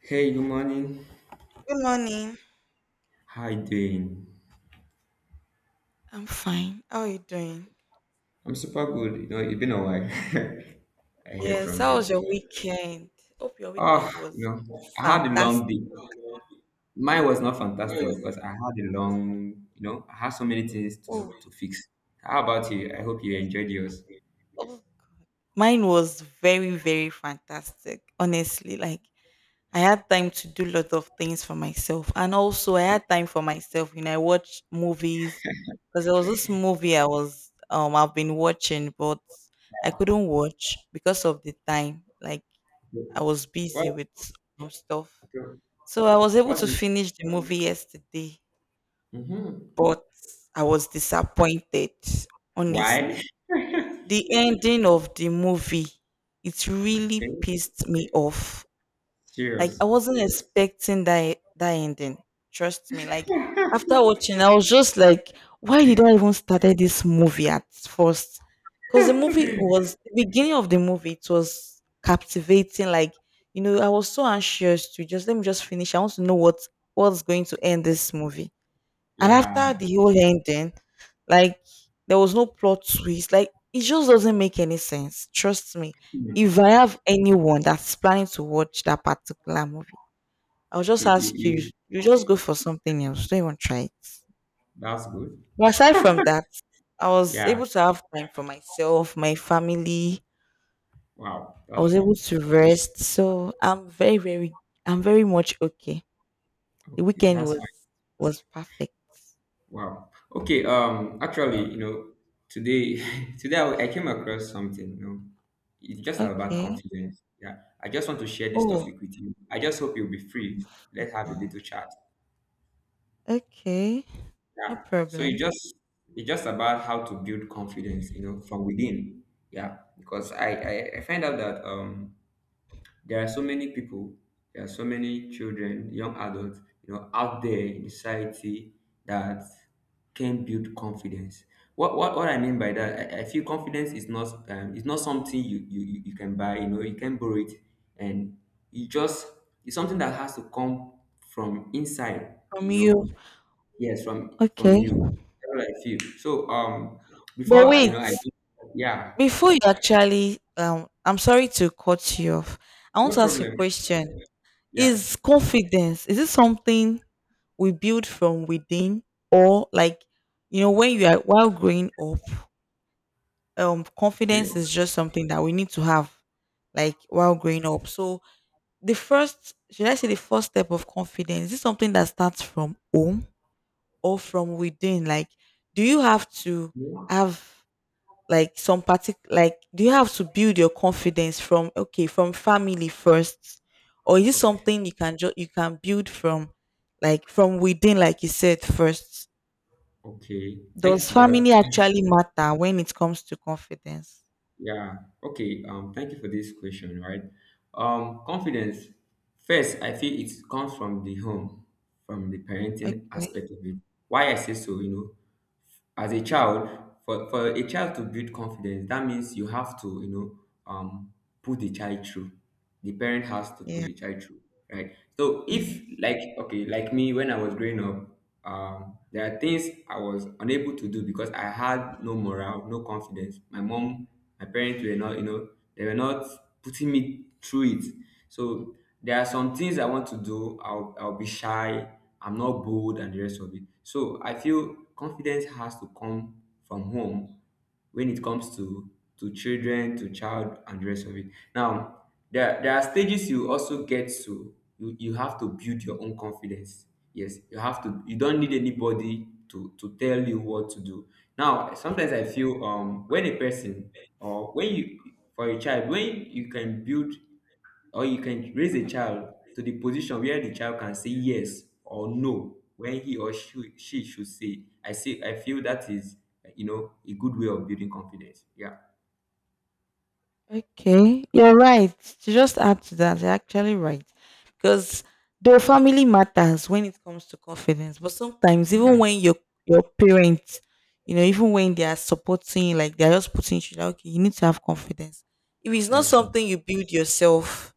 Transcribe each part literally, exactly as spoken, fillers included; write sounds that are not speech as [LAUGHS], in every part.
Hey, good morning. Good morning. How you doing? I'm fine. How are you doing? I'm super good. You know, it's been a while. [LAUGHS] I heard Yes, from how was you. your weekend? Hope your Oh, weekend you was know, I had a fantastic. long day. Mine was not fantastic because Oh, I had a long, you know, I had so many things to oh to fix. How about you? I hope you enjoyed yours. God. Mine was very, very fantastic. Honestly, like I had time to do a lot of things for myself. And also I had time for myself. You know, I watched movies because there was this movie I was um I've been watching, but I couldn't watch because of the time. Like I was What? busy with some stuff. So I was able What? to finish the movie yesterday, Mm-hmm. but I was disappointed, Why? honestly. [LAUGHS] The ending of the movie, it really Okay. pissed me off. Like Serious. I wasn't expecting that that ending. Trust me. Like after [LAUGHS] watching, I was just like, why did I even started this movie at first? Because the movie was the beginning of the movie. It was captivating. Like you know, I was so anxious to just let me just finish. I want to know what what's going to end this movie. And after Yeah. the whole ending, like there was no plot twist. Like it just doesn't make any sense. Trust me, You, if I have anyone that's planning to watch that particular movie, I'll just you, ask you, you, you just go for something else. Don't even try it. that's good. But aside from that, I was Yeah. able to have time for myself, my family. Wow. I That's was true. able to rest. So I'm very, very I'm very much okay. The Okay. weekend That's was fine. was perfect. Wow. Okay. Um. Actually, you know, today, [LAUGHS] today I, I came across something. You know, it's just about Okay. confidence. Yeah. I just want to share this Oh topic with you. I just hope you'll be free. Let's have uh, a little chat. okay. No Yeah. So problem. it just it's just about how to build confidence. You know, from within. Yeah. Because I I, I find out that um there are so many people, there are so many children, young adults, you know, out there in society that can build confidence. What what, what I mean by that, I, I feel confidence is not um, it's not something you, you you you can buy, you know, you can borrow it, and you just it's something that has to come from inside, From you know. you. Yes, from from Okay. you. That's what I feel. So um But before I, you know I wait, yeah. before you actually um I'm sorry to cut you off. I want No to ask a problem. question. Yeah. Is confidence, is it something we build from within, or like, you know, when you are while growing up, um Okay. confidence is just something that we need to have, like while growing up. So the first, should I say, the first step of confidence, is it something that starts from home or from within? Like, do you have to Yeah. have like some partic-, like do you have to build your confidence from, okay, from family first, or is it Okay. something you can just, you can build from, like from within, like you said first? Okay, thank you Does for that. family actually matter when it comes to confidence? Yeah, okay. Um, thank you for this question. Right. Um, confidence. First, I feel it comes from the home, from the parenting Okay, aspect of it. Why I say so, you know, as a child, for for a child to build confidence, that means you have to, you know, um put the child through, the parent has to put yeah, the child through right. So yeah. if, like, okay, like me when I was growing up, um there are things I was unable to do because I had no morale, no confidence. My mom, my parents were not, you know, they were not putting me through it. So there are some things I want to do, i'll, I'll be shy, I'm not bold, and the rest of it. So I feel confidence has to come from home when it comes to to children, to child, and the rest of it. Now, there, there are stages you also get to. you, you have to build your own confidence. Yes, you have to. You don't need anybody to, to tell you what to do. Now sometimes I feel, um when a person or when you, for a child, when you can build or you can raise a child to the position where the child can say yes or no when he or she, she should say, I say, I feel that is, uh, you know, a good way of building confidence. Yeah. Okay, you're right. To just add to that, you're actually right. Because the family matters when it comes to confidence. But sometimes, Yeah, even when your your parents, you know, even when they are supporting, like they're just putting you like, okay, you need to have confidence. If it's not that's true. something you build yourself,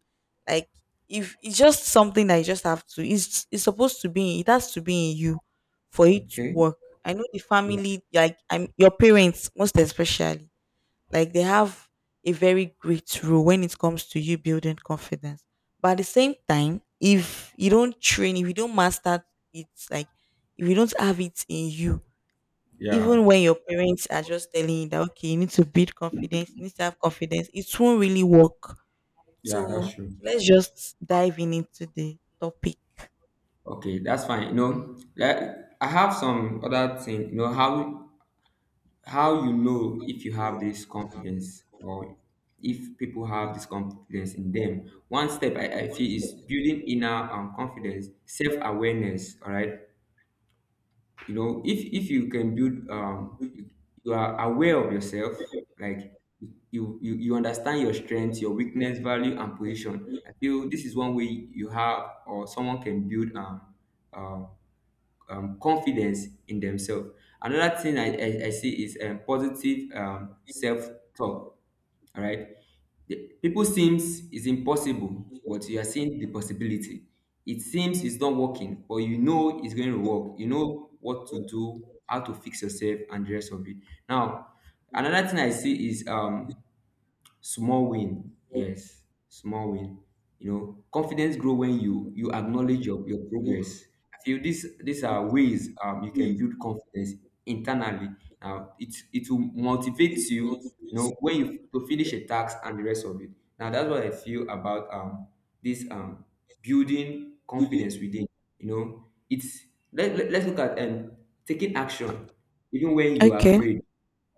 like if it's just something that you just have to, it's it's supposed to be, it has to be in you for it to Okay. work. I know the Yeah, family, like I'm your parents, most especially like they have a very great role when it comes to you building confidence. But at the same time, if you don't train, if you don't master it, like if you don't have it in you, yeah, even when your parents are just telling you that okay, you need to build confidence, you need to have confidence, it won't really work. yeah, So okay, that's true. let's just dive in into the topic. Okay, that's fine. You know, like, I have some other thing. You know how how you know, if you have this confidence, or if people have this confidence in them, one step i, I feel is building inner, um, confidence, self-awareness. All right, you know, if if you can build, um you, you are aware of yourself, like, you, you you understand your strengths, your weakness, value, and position. I feel this is one way you have or someone can build, um, um um confidence in themselves. Another thing I, I, I see is, um, positive, um, self talk. All right, the, people seems is impossible, but you are seeing the possibility. It seems it's not working, but you know it's going to work. You know what to do, how to fix yourself, and the rest of it. Now, another thing I see is, um small win. Yes, small win. You know, confidence grow when you you acknowledge, your, your progress. I feel this these are ways, um, you can build confidence internally. Now it it will motivate you. You know, when you to finish a task, and the rest of it. Now, that's what I feel about, um this um building confidence within, you know. It's, let, let, let's look at, um taking action even when you are Okay. Okay. afraid.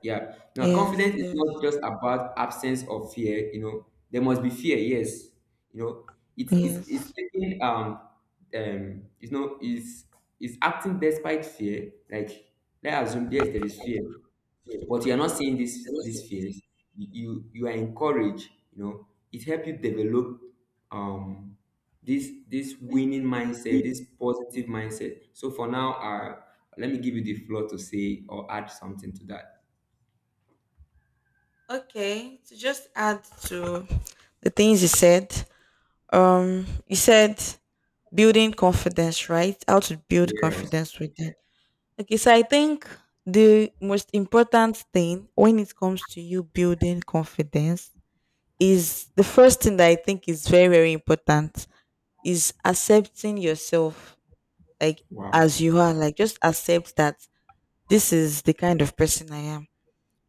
Yeah. Now, Yes. confidence is Yes. not just about absence of fear. You know, there must be fear. Yes. You know, it's it's it's Yes. taking, um um you know, is is acting despite fear. Like, let's assume yes, there is fear, but you are not seeing this these fears. You you, you are encouraged. You know, it helps you develop, um this this winning mindset, this positive mindset. So for now, uh, let me give you the floor to say or add something to that. Okay, to just add to the things you said, um, you said building confidence, right? How to build Yeah. confidence with them. Okay, so I think the most important thing when it comes to you building confidence is the first thing that I think is very, very important is accepting yourself, like Wow, as you are, like just accept that this is the kind of person I am.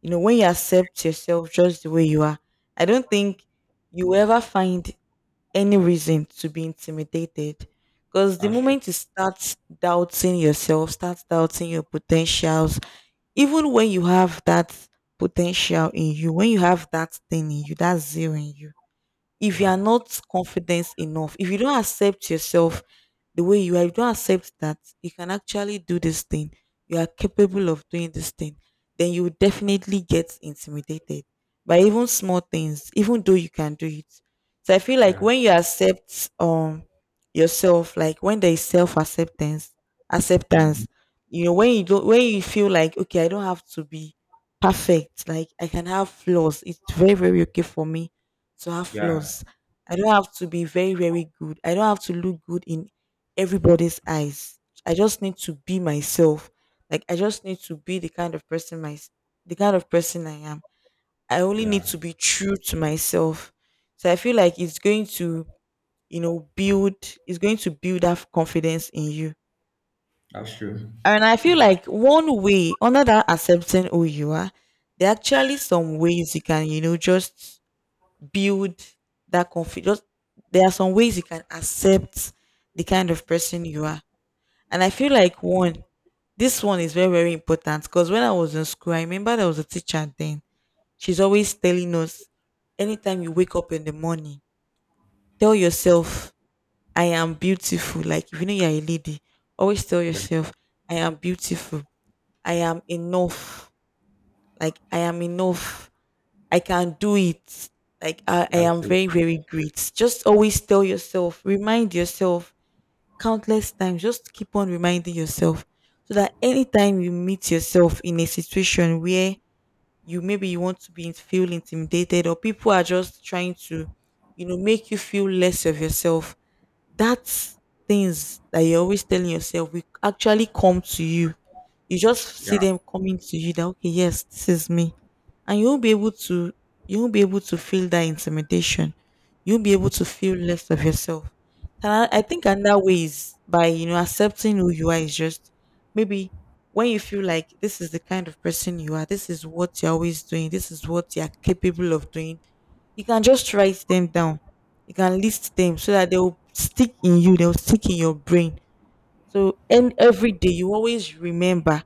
You know, when you accept yourself just the way you are, I don't think you will ever find any reason to be intimidated. Because the that's true. moment you start doubting yourself, start doubting your potentials, even when you have that potential in you, when you have that thing in you, that zeal in you, if you are Yeah, not confident enough, if you don't accept yourself the way you are, if you don't accept that you can actually do this thing, you are capable of doing this thing, then you will definitely get intimidated by even small things, even though you can do it. So I feel like yeah, when you accept um yourself, like when there is self acceptance, mhm. acceptance, you know, when you don't, when you feel like okay, I don't have to be perfect, like I can have flaws. It's very, very okay for me to have Yeah, flaws. I don't have to be very, very good. I don't have to look good in everybody's eyes. I just need to be myself. Like I just need to be the kind of person my the kind of person I am. I only need yeah. to be true to myself. So I feel like it's going to, you know, build, it's going to build that confidence in you. That's true. And I feel like one way, under that accepting who you are, there are actually some ways you can, you know, just build that confidence. There are some ways you can accept the kind of person you are. And I feel like one, this one is very, very important because when I was in school, I remember there was a teacher then. She's always telling us anytime you wake up in the morning, tell yourself, I am beautiful. Like if you know you're a lady, always tell Yeah, yourself, I am beautiful. I am enough. Like I am enough. I can do it. Like I, I that's am true. very, very great. Just always tell yourself, remind yourself countless times. Just keep on reminding yourself so that anytime you meet yourself in a situation where you maybe you want to be in- feel intimidated or people are just trying to, you know, make you feel less of yourself, that's things that you're always telling yourself will actually come to you. You just Yeah, see them coming to you that okay, yes, this is me. And you won't be able to, you won't be able to feel that intimidation. You won't be able to feel less of yourself. And I, I think another way is by, you know, accepting who you are is just maybe when you feel like this is the kind of person you are, this is what you're always doing, this is what you're capable of doing, you can just write them down. You can list them so that they will stick in you, they'll stick in your brain. So and every day you always remember,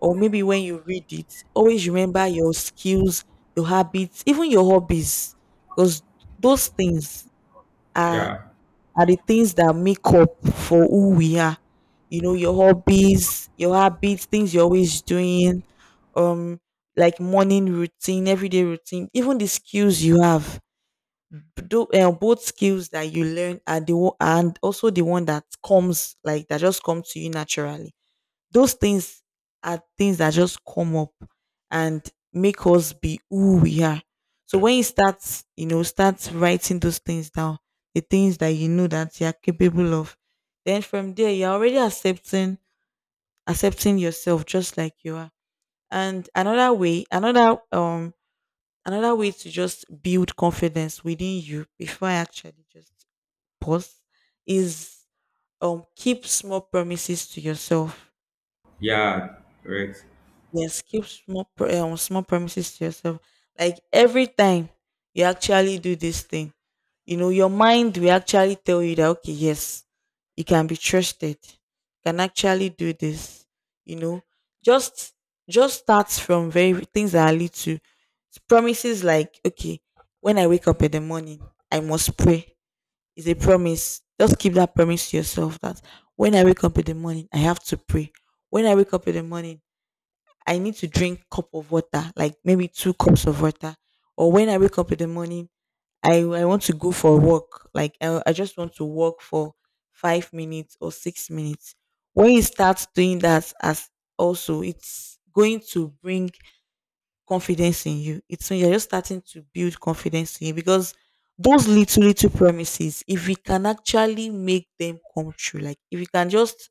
or maybe when you read it, always remember your skills, your habits, even your hobbies, because those things are yeah, are the things that make up for who we are. You know, your hobbies, your habits, things you're always doing, um, like morning routine, everyday routine, even the skills you have. Though, uh, both skills that you learn are the one, and also the one that comes like that just come to you naturally. Those things are things that just come up and make us be who we are. So when you start, you know, start writing those things down, the things that you know that you are capable of, then from there you're already accepting, accepting yourself just like you are. And another way, another um another way to just build confidence within you before I actually just pause is um keep small promises to yourself. yeah. Correct. Yes, keep small pr- um, small promises to yourself. Like every time you actually do this thing, you know, your mind will actually tell you that okay, yes, you can be trusted. You can actually do this. You know, just just start from very things that are little. Promises like okay, when I wake up in the morning, I must pray. Is a promise. Just keep that promise to yourself that when I wake up in the morning, I have to pray. When I wake up in the morning, I need to drink cup of water, like maybe two cups of water. Or when I wake up in the morning, I, I want to go for a walk. Like I, I just want to walk for five minutes or six minutes. When you start doing that as also, it's going to bring confidence in you. It's when you're just starting to build confidence in you because those little little promises, if we can actually make them come true, like if you can just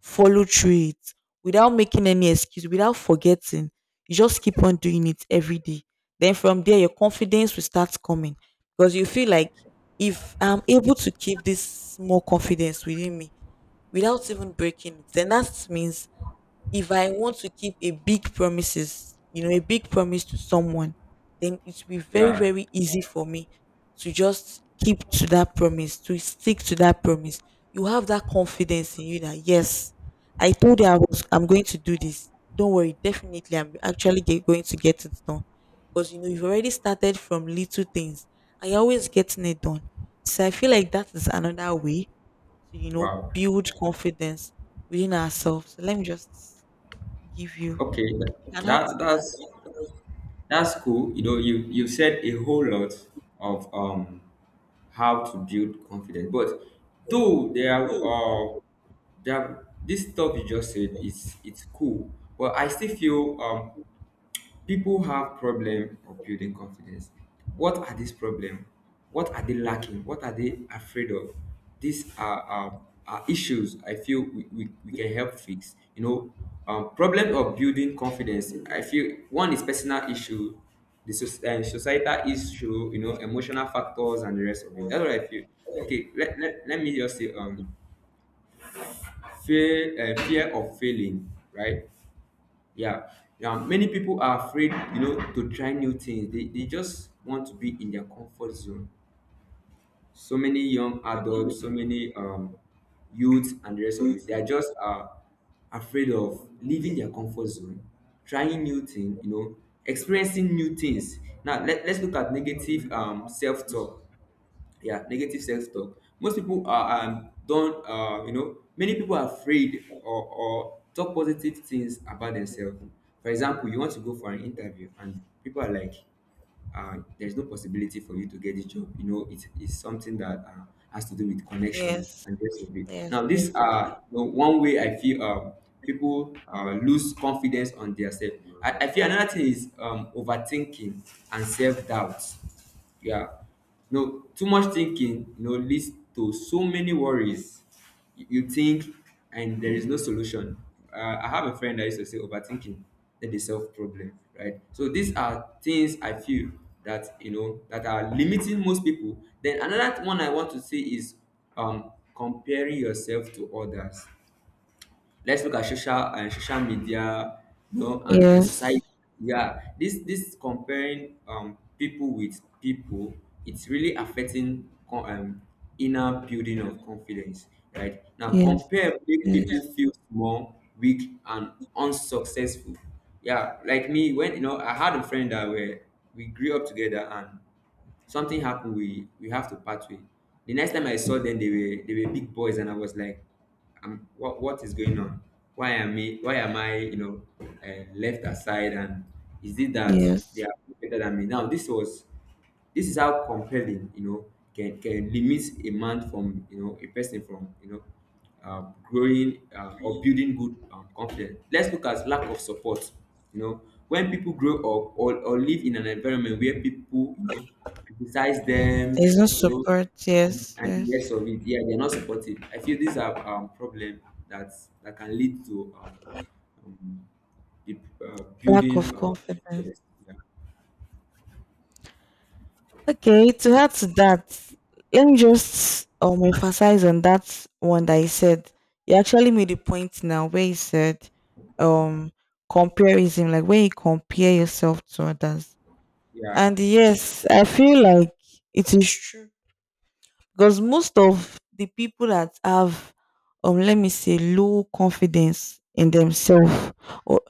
follow through it without making any excuse, without forgetting, you just keep on doing it every day. Then from there, your confidence will start coming because you feel like if I'm able to keep this small confidence within me without even breaking it, then that means if I want to keep a big promises, you know, a big promise to someone, then it will be very, Yeah. very easy for me to just keep to that promise, to stick to that promise. You have that confidence in you that yes, I told you I was I'm going to do this. Don't worry, definitely I'm actually get, going to get it done. Because you know you've already started from little things I always getting it done. So I feel like that is another way to, you know, Wow. build confidence within ourselves. So let me just give you. Okay. tha- You can add That to that. that's that's cool. You know, you you said a whole lot of, um how to build confidence, but though there are, uh there are, this stuff you just said is, it's cool, but I still feel, um people have problem of building confidence. What are these problem? What are they lacking? What are they afraid of? These are, um, are issues I feel we, we, we can help fix, you know. um, problem of building confidence, I feel one is personal issue, the soc- uh, societal issue, you know, emotional factors, and the rest of it. That's what I feel. Okay, let, let, let me just say, um fear. uh, fear of failing, right? Yeah. Now, many people are afraid, you know, to try new things. They, they just want to be in their comfort zone. So many young adults, so many, um, youths, and the rest of it. They are just, uh, afraid of leaving their comfort zone, trying new things, you know, experiencing new things. Now, let, let's look at negative, um, self talk. Yeah, negative self talk. Most people are, um, don't, uh, you know, many people are afraid, or, or talk positive things about themselves. For example, you want to go for an interview and people are like, uh, there's no possibility for you to get this job. You know, it is something that, uh, has to do with connection, Yes, and the rest of it. yes, Now this, yes, uh you know, one way I feel, um, people, uh, lose confidence on their self. I, I feel another thing is, um, overthinking and self-doubt. Yeah, no, too much thinking, you know, leads to so many worries. You you think, and there is no solution. Uh, I have a friend that used to say overthinking, that they solve problem, right? So these are things I feel that, you know, that are limiting most people. Then another one I want to say is, um comparing yourself to others. Let's look at social and social media, you know, and, and yes, society. Yeah, this this comparing, um people with people, it's really affecting, co- um inner building of confidence. Right. Now, yes, compare make people yes, feel small, weak, and unsuccessful. Yeah, like me, when, you know, I had a friend that were we grew up together, and something happened, we we have to part way. The next time I saw them, they were they were big boys, and I was like, um what what is going on? why am i why am I, you know, uh, left aside. And is it that yes. they are better than me? Now, this was, this is how compelling, you know, can can limit a man from, you know, a person from, you know, um, growing, um, or building good, um, confidence. Let's look at lack of support. You know, when people grow up, or, or live in an environment where people, you know, criticize them, There's no you know, support. and, Yes, and the yes. rest of it. Yeah, they're not supportive. I feel these are, um, problem that that can lead to, um, um, the, uh, Lack of building, um, confidence. confidence. Yeah, Okay, to add to that, let me just um emphasize on that one that you said. You actually made a point now where he said um comparison, like when you compare yourself to others. yeah, And yes, I feel like it is true because most of the people that have um let me say low confidence in themselves or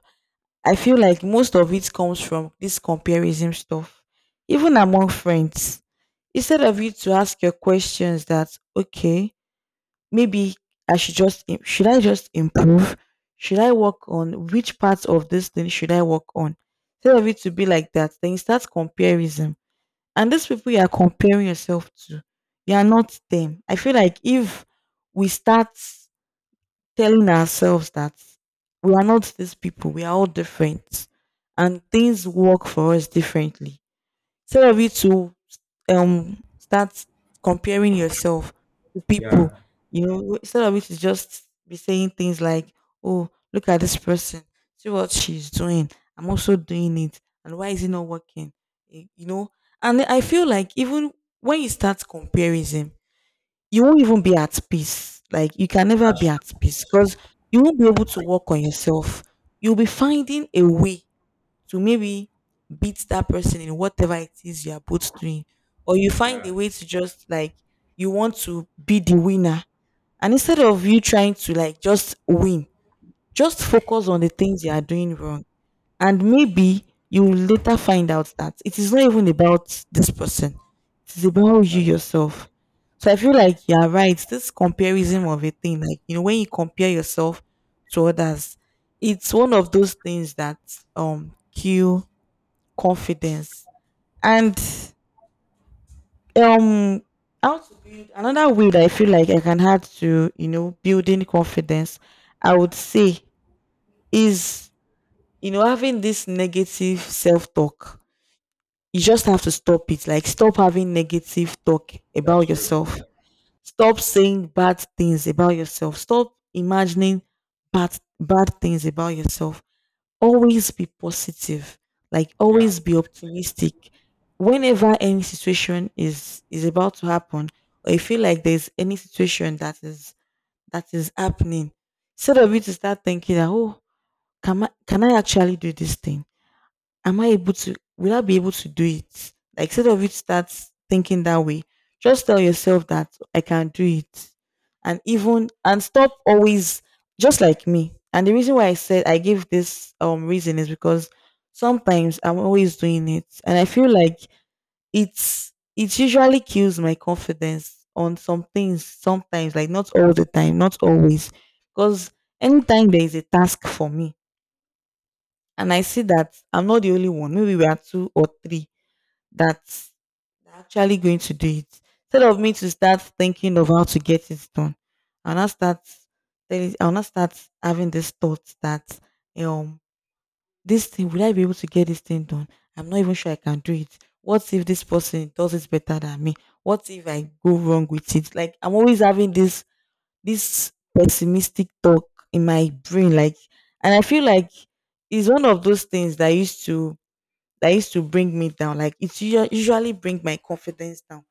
I feel like most of it comes from this comparison stuff, even among friends. Instead of you to ask your questions that okay, maybe I should just im- should I just improve, should I work on which parts of this thing should I work on? Instead of it to be like that, then you start comparison, and these people you are comparing yourself to, you are not them. I feel like if we start telling ourselves that we are not these people, we are all different, and things work for us differently, instead of you to um start comparing yourself to people, yeah. you know, instead of you to just be saying things like, "Oh, look at this person, see what she's doing. I'm also doing it, and why is it not working?" Y- You know, and I feel like even when you start comparison, you won't even be at peace. Like you can never be That's, at peace because you won't be able to work on yourself. You'll be finding a way to maybe beat that person in whatever it is you are both doing, or you find a yeah, way to just like you want to be the winner. And instead of you trying to like just win, just focus on the things you are doing wrong, and maybe you will later find out that it is not even about this person, it is about you that, yourself. So I feel like you are right, this comparison of a thing, like you know, when you compare yourself to others, it's one of those things that um kill confidence. And um how to build another way that I feel like I can add to, you know, building confidence, I would say is, you know, having this negative self-talk, you just have to stop it. Like stop having negative talk about that's true. yourself, stop saying bad things about yourself, stop imagining bad bad things about yourself. Always be positive, like Yeah. always be optimistic. Whenever any situation is is about to happen, or you feel like there's any situation that is that is happening, instead of you to start thinking that oh, can i can I actually do this thing, am I able to will I be able to do it? Like instead of it to start thinking that way, just tell yourself that I can do it. And even and stop always just like me. And the reason why I said I give this um reason is because sometimes I'm always doing it. And I feel like it's it usually kills my confidence on some things sometimes, like not all the time, not always. Because anytime there is a task for me, and I see that I'm not the only one. Maybe we are two or three that's actually going to do it. Instead of me to start thinking of how to get it done, I'll not start telling- I'll not start having this thought that um this thing, will I be able to get this thing done? I'm not even sure I can do it. What if this person does it better than me? What if I go wrong with it? Like I'm always having this this pessimistic talk in my brain like, and I feel like it's one of those things that used to that used to bring me down. Like it usu- usually bring my confidence down,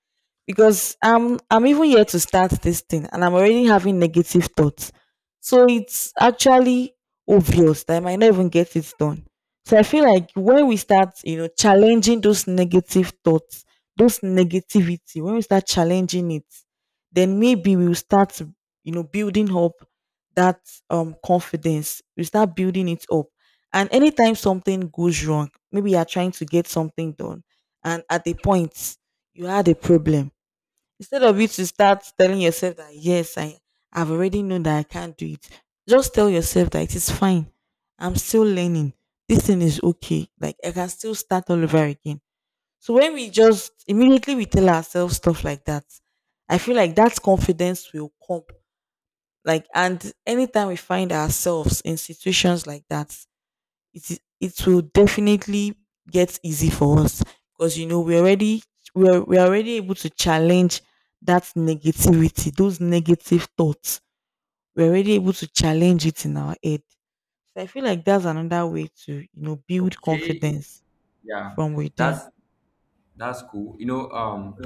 because I'm I'm even here to start this thing and I'm already having negative thoughts. So it's actually obvious that I might not even get it done. So I feel like when we start, you know, challenging those negative thoughts, those negativity, when we start challenging it, then maybe we'll start, you know, building up that um confidence. We start building it up. And anytime something goes wrong, maybe you're trying to get something done, and at the point you had a problem, instead of you to start telling yourself that yes, I I've already known that I can't do it. Just tell yourself that it is fine. I'm still learning. This thing is okay. Like I can still start all over again. So when we just immediately we tell ourselves stuff like that, I feel like that confidence will come. Like and anytime we find ourselves in situations like that, it is it will definitely get easy for us, because you know we're already we're we're already able to challenge that negativity, those negative thoughts. We're already able to challenge it in our head. So I feel like that's another way to, you know, build Okay. confidence Yeah. from within. That's that's cool. You know, um,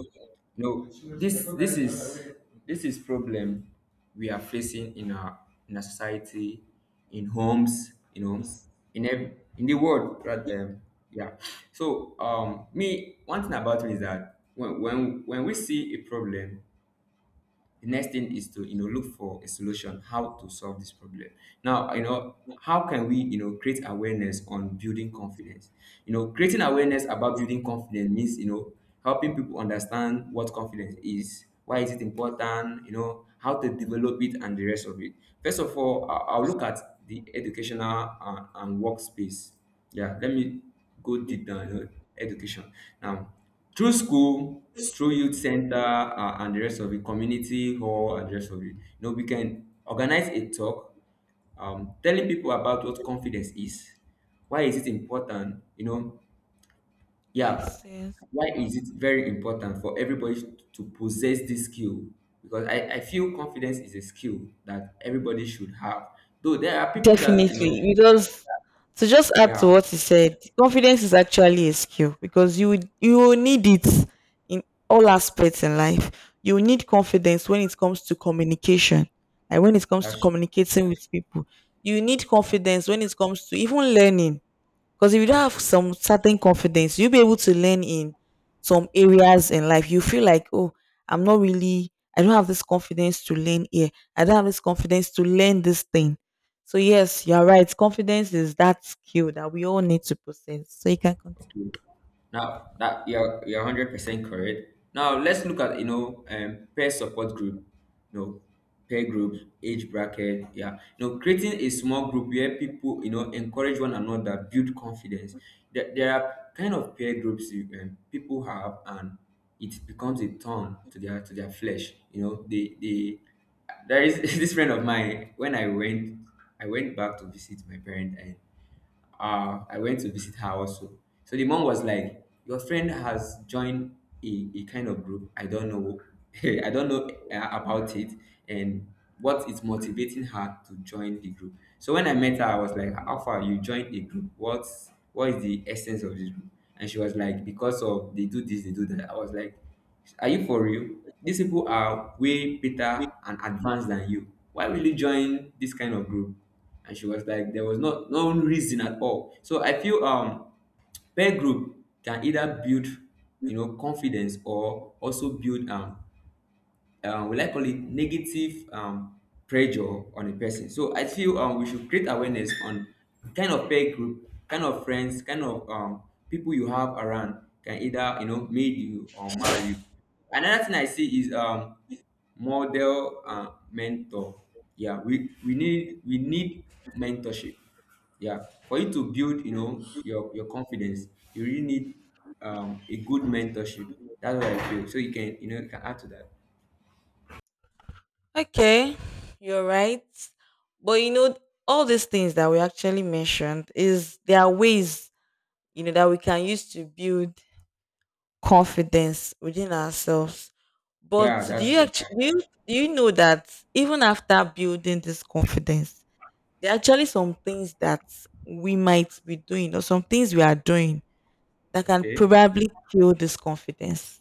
you know, this this is, this is problem we are facing in our, in our society, in homes, you know, in ev- in the world, right? Um, yeah. So, um, me, one thing about me is that when when when we see a problem, the next thing is to, you know, look for a solution, how to solve this problem. Now, you know, how can we, you know, create awareness on building confidence? You know, creating awareness about building confidence means, you know, helping people understand what confidence is, why is it important, you know, how to develop it, and the rest of it. First of all, I- I'll look at the educational, and, and workspace. Yeah, let me. Good, deep down, you know, education. Now, through school, through youth center, uh, and the rest, of the community hall, and the rest of it, you know, we can organize a talk, um, telling people about what confidence is, why is it important, you know. Yeah, Yes, yes. why is it very important for everybody to possess this skill? Because I, I feel confidence is a skill that everybody should have. Though there are people that, you know, Definitely. Because to just add to yeah, what you said, confidence is actually a skill because you would- you will need it in all aspects in life. You will need confidence when it comes to communication, like when it comes to that's true. communicating with people. You need Yeah, confidence when it comes to even learning. Because if you that's don't have true. some certain confidence, you'll be able to learn in some areas in life. You feel like, oh, I'm not really, I don't have this confidence to learn here. I don't have this confidence to learn this thing. So, yes, you're right. Confidence is that skill that we all need to possess. So, you can continue. Now that you're you're hundred percent correct. Now let's look at, you know, um peer support group, you know, peer group, age bracket. Yeah. You know, creating a small group where people, you know, encourage one another, build confidence. There, there are kind of peer groups you, um, people have, and it becomes a thorn to their, to their flesh. You know, they they, there is [LAUGHS] this friend of mine, when I went, I went back to visit my parents, uh, I went to visit her also. So the mom was like, "Your friend has joined, a, a kind of group. I don't know. [LAUGHS] I don't know, uh, about it, and what is motivating her to join the group." So when I met her, I was like, "How far you joined a group? What's what is the essence of this group?" And she was like, "Because of they do this, they do that." I was like, "Are you for real? These people are way better and advanced than you. Why will you join this kind of group?" And she was like, there was no no reason at all. So I feel, um peer group can either build, you know, confidence, or also build, um um, will I call it negative, um, pressure on a person. So I feel, um, we should create awareness on kind of peer group, kind of friends, kind of, um, people you have around can either, you know, made you or mar you. Another thing I see is, um, model. uh, mentor. Yeah, we we need we need mentorship. Yeah, for you to build, you know, your your confidence, you really need, um, a good mentorship. That's what I feel. So you can, you know, you can add to that. Okay, you're right. But you know, all these things that we actually mentioned is there are ways, you know, that we can use to build confidence within ourselves. But Yeah, do that's you true. actually do you, do you know that even after building this confidence, there are actually some things that we might be doing, or some things we are doing that can Okay. probably kill this confidence?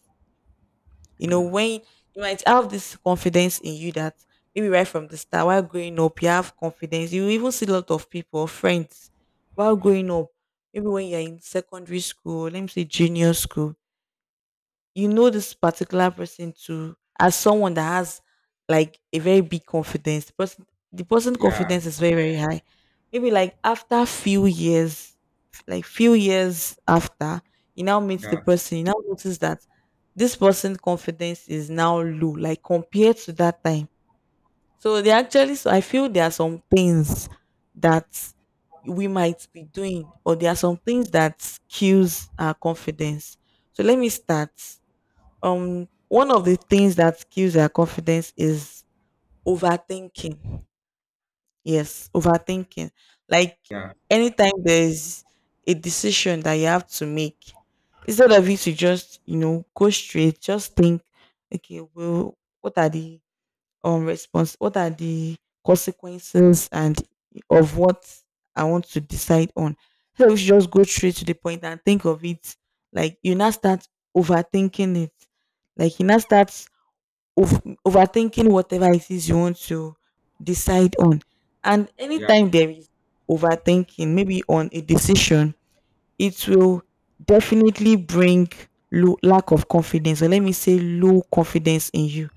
You know, when you might have this confidence in you that maybe right from the start, while growing up, you have confidence. You even see a lot of people, friends, while growing up, maybe when you're in secondary school, let me say junior school, you know this particular person to as someone that has like a very big confidence. The person the person Yeah, confidence is very, very high. Maybe like after few years, like few years after, you now meet the yeah, person, you now notice that this person confidence is now low, like compared to that time. So they actually So I feel there are some things that we might be doing, or there are some things that kills our confidence. So let me start, um one of the things that kills our confidence is overthinking. Yes, overthinking. Like yeah, anytime there's a decision that you have to make, instead of you to just you know go straight, just think, okay well what are the um response, what are the consequences and of what I want to decide on. So we should just go straight to the point and think of it. Like you now start overthinking it, like you now start ov- overthinking whatever it is you want to decide on. And yeah. anytime there is overthinking, maybe on a decision, it will definitely bring low lack of confidence, or let me say low confidence in you.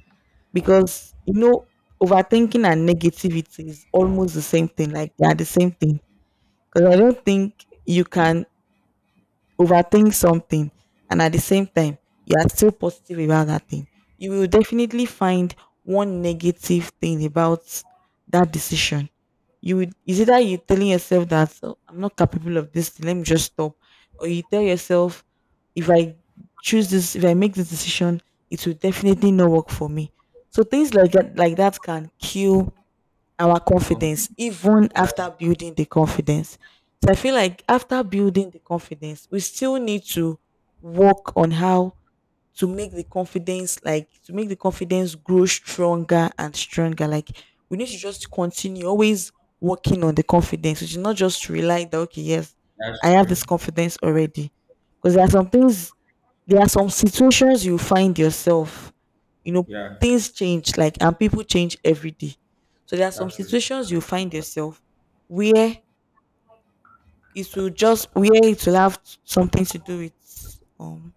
Because you know, overthinking and negativity is almost the same thing, like they are the same thing. Because I don't think you can overthink something and at the same time you are still positive about that thing. You will definitely find one negative thing about that decision. You would is either you telling yourself that "Oh, I'm not capable of this, thing, let me just stop," or you tell yourself if I choose this, if I make this decision, it will definitely not work for me. So things like that, like that can kill our confidence Conflict. even That's after building the confidence. So I feel like after building the confidence, we still need to work on how to make the confidence, like to make the confidence grow stronger and stronger. Like we need to just continue always working on the confidence. We should not just rely that okay yes, that's I have this true. confidence already, because there are some things, there are some situations you find yourself, you know, Yeah, things change like and people change every day. So there are some that's true. situations you find yourself where it will just where it will have something to do with um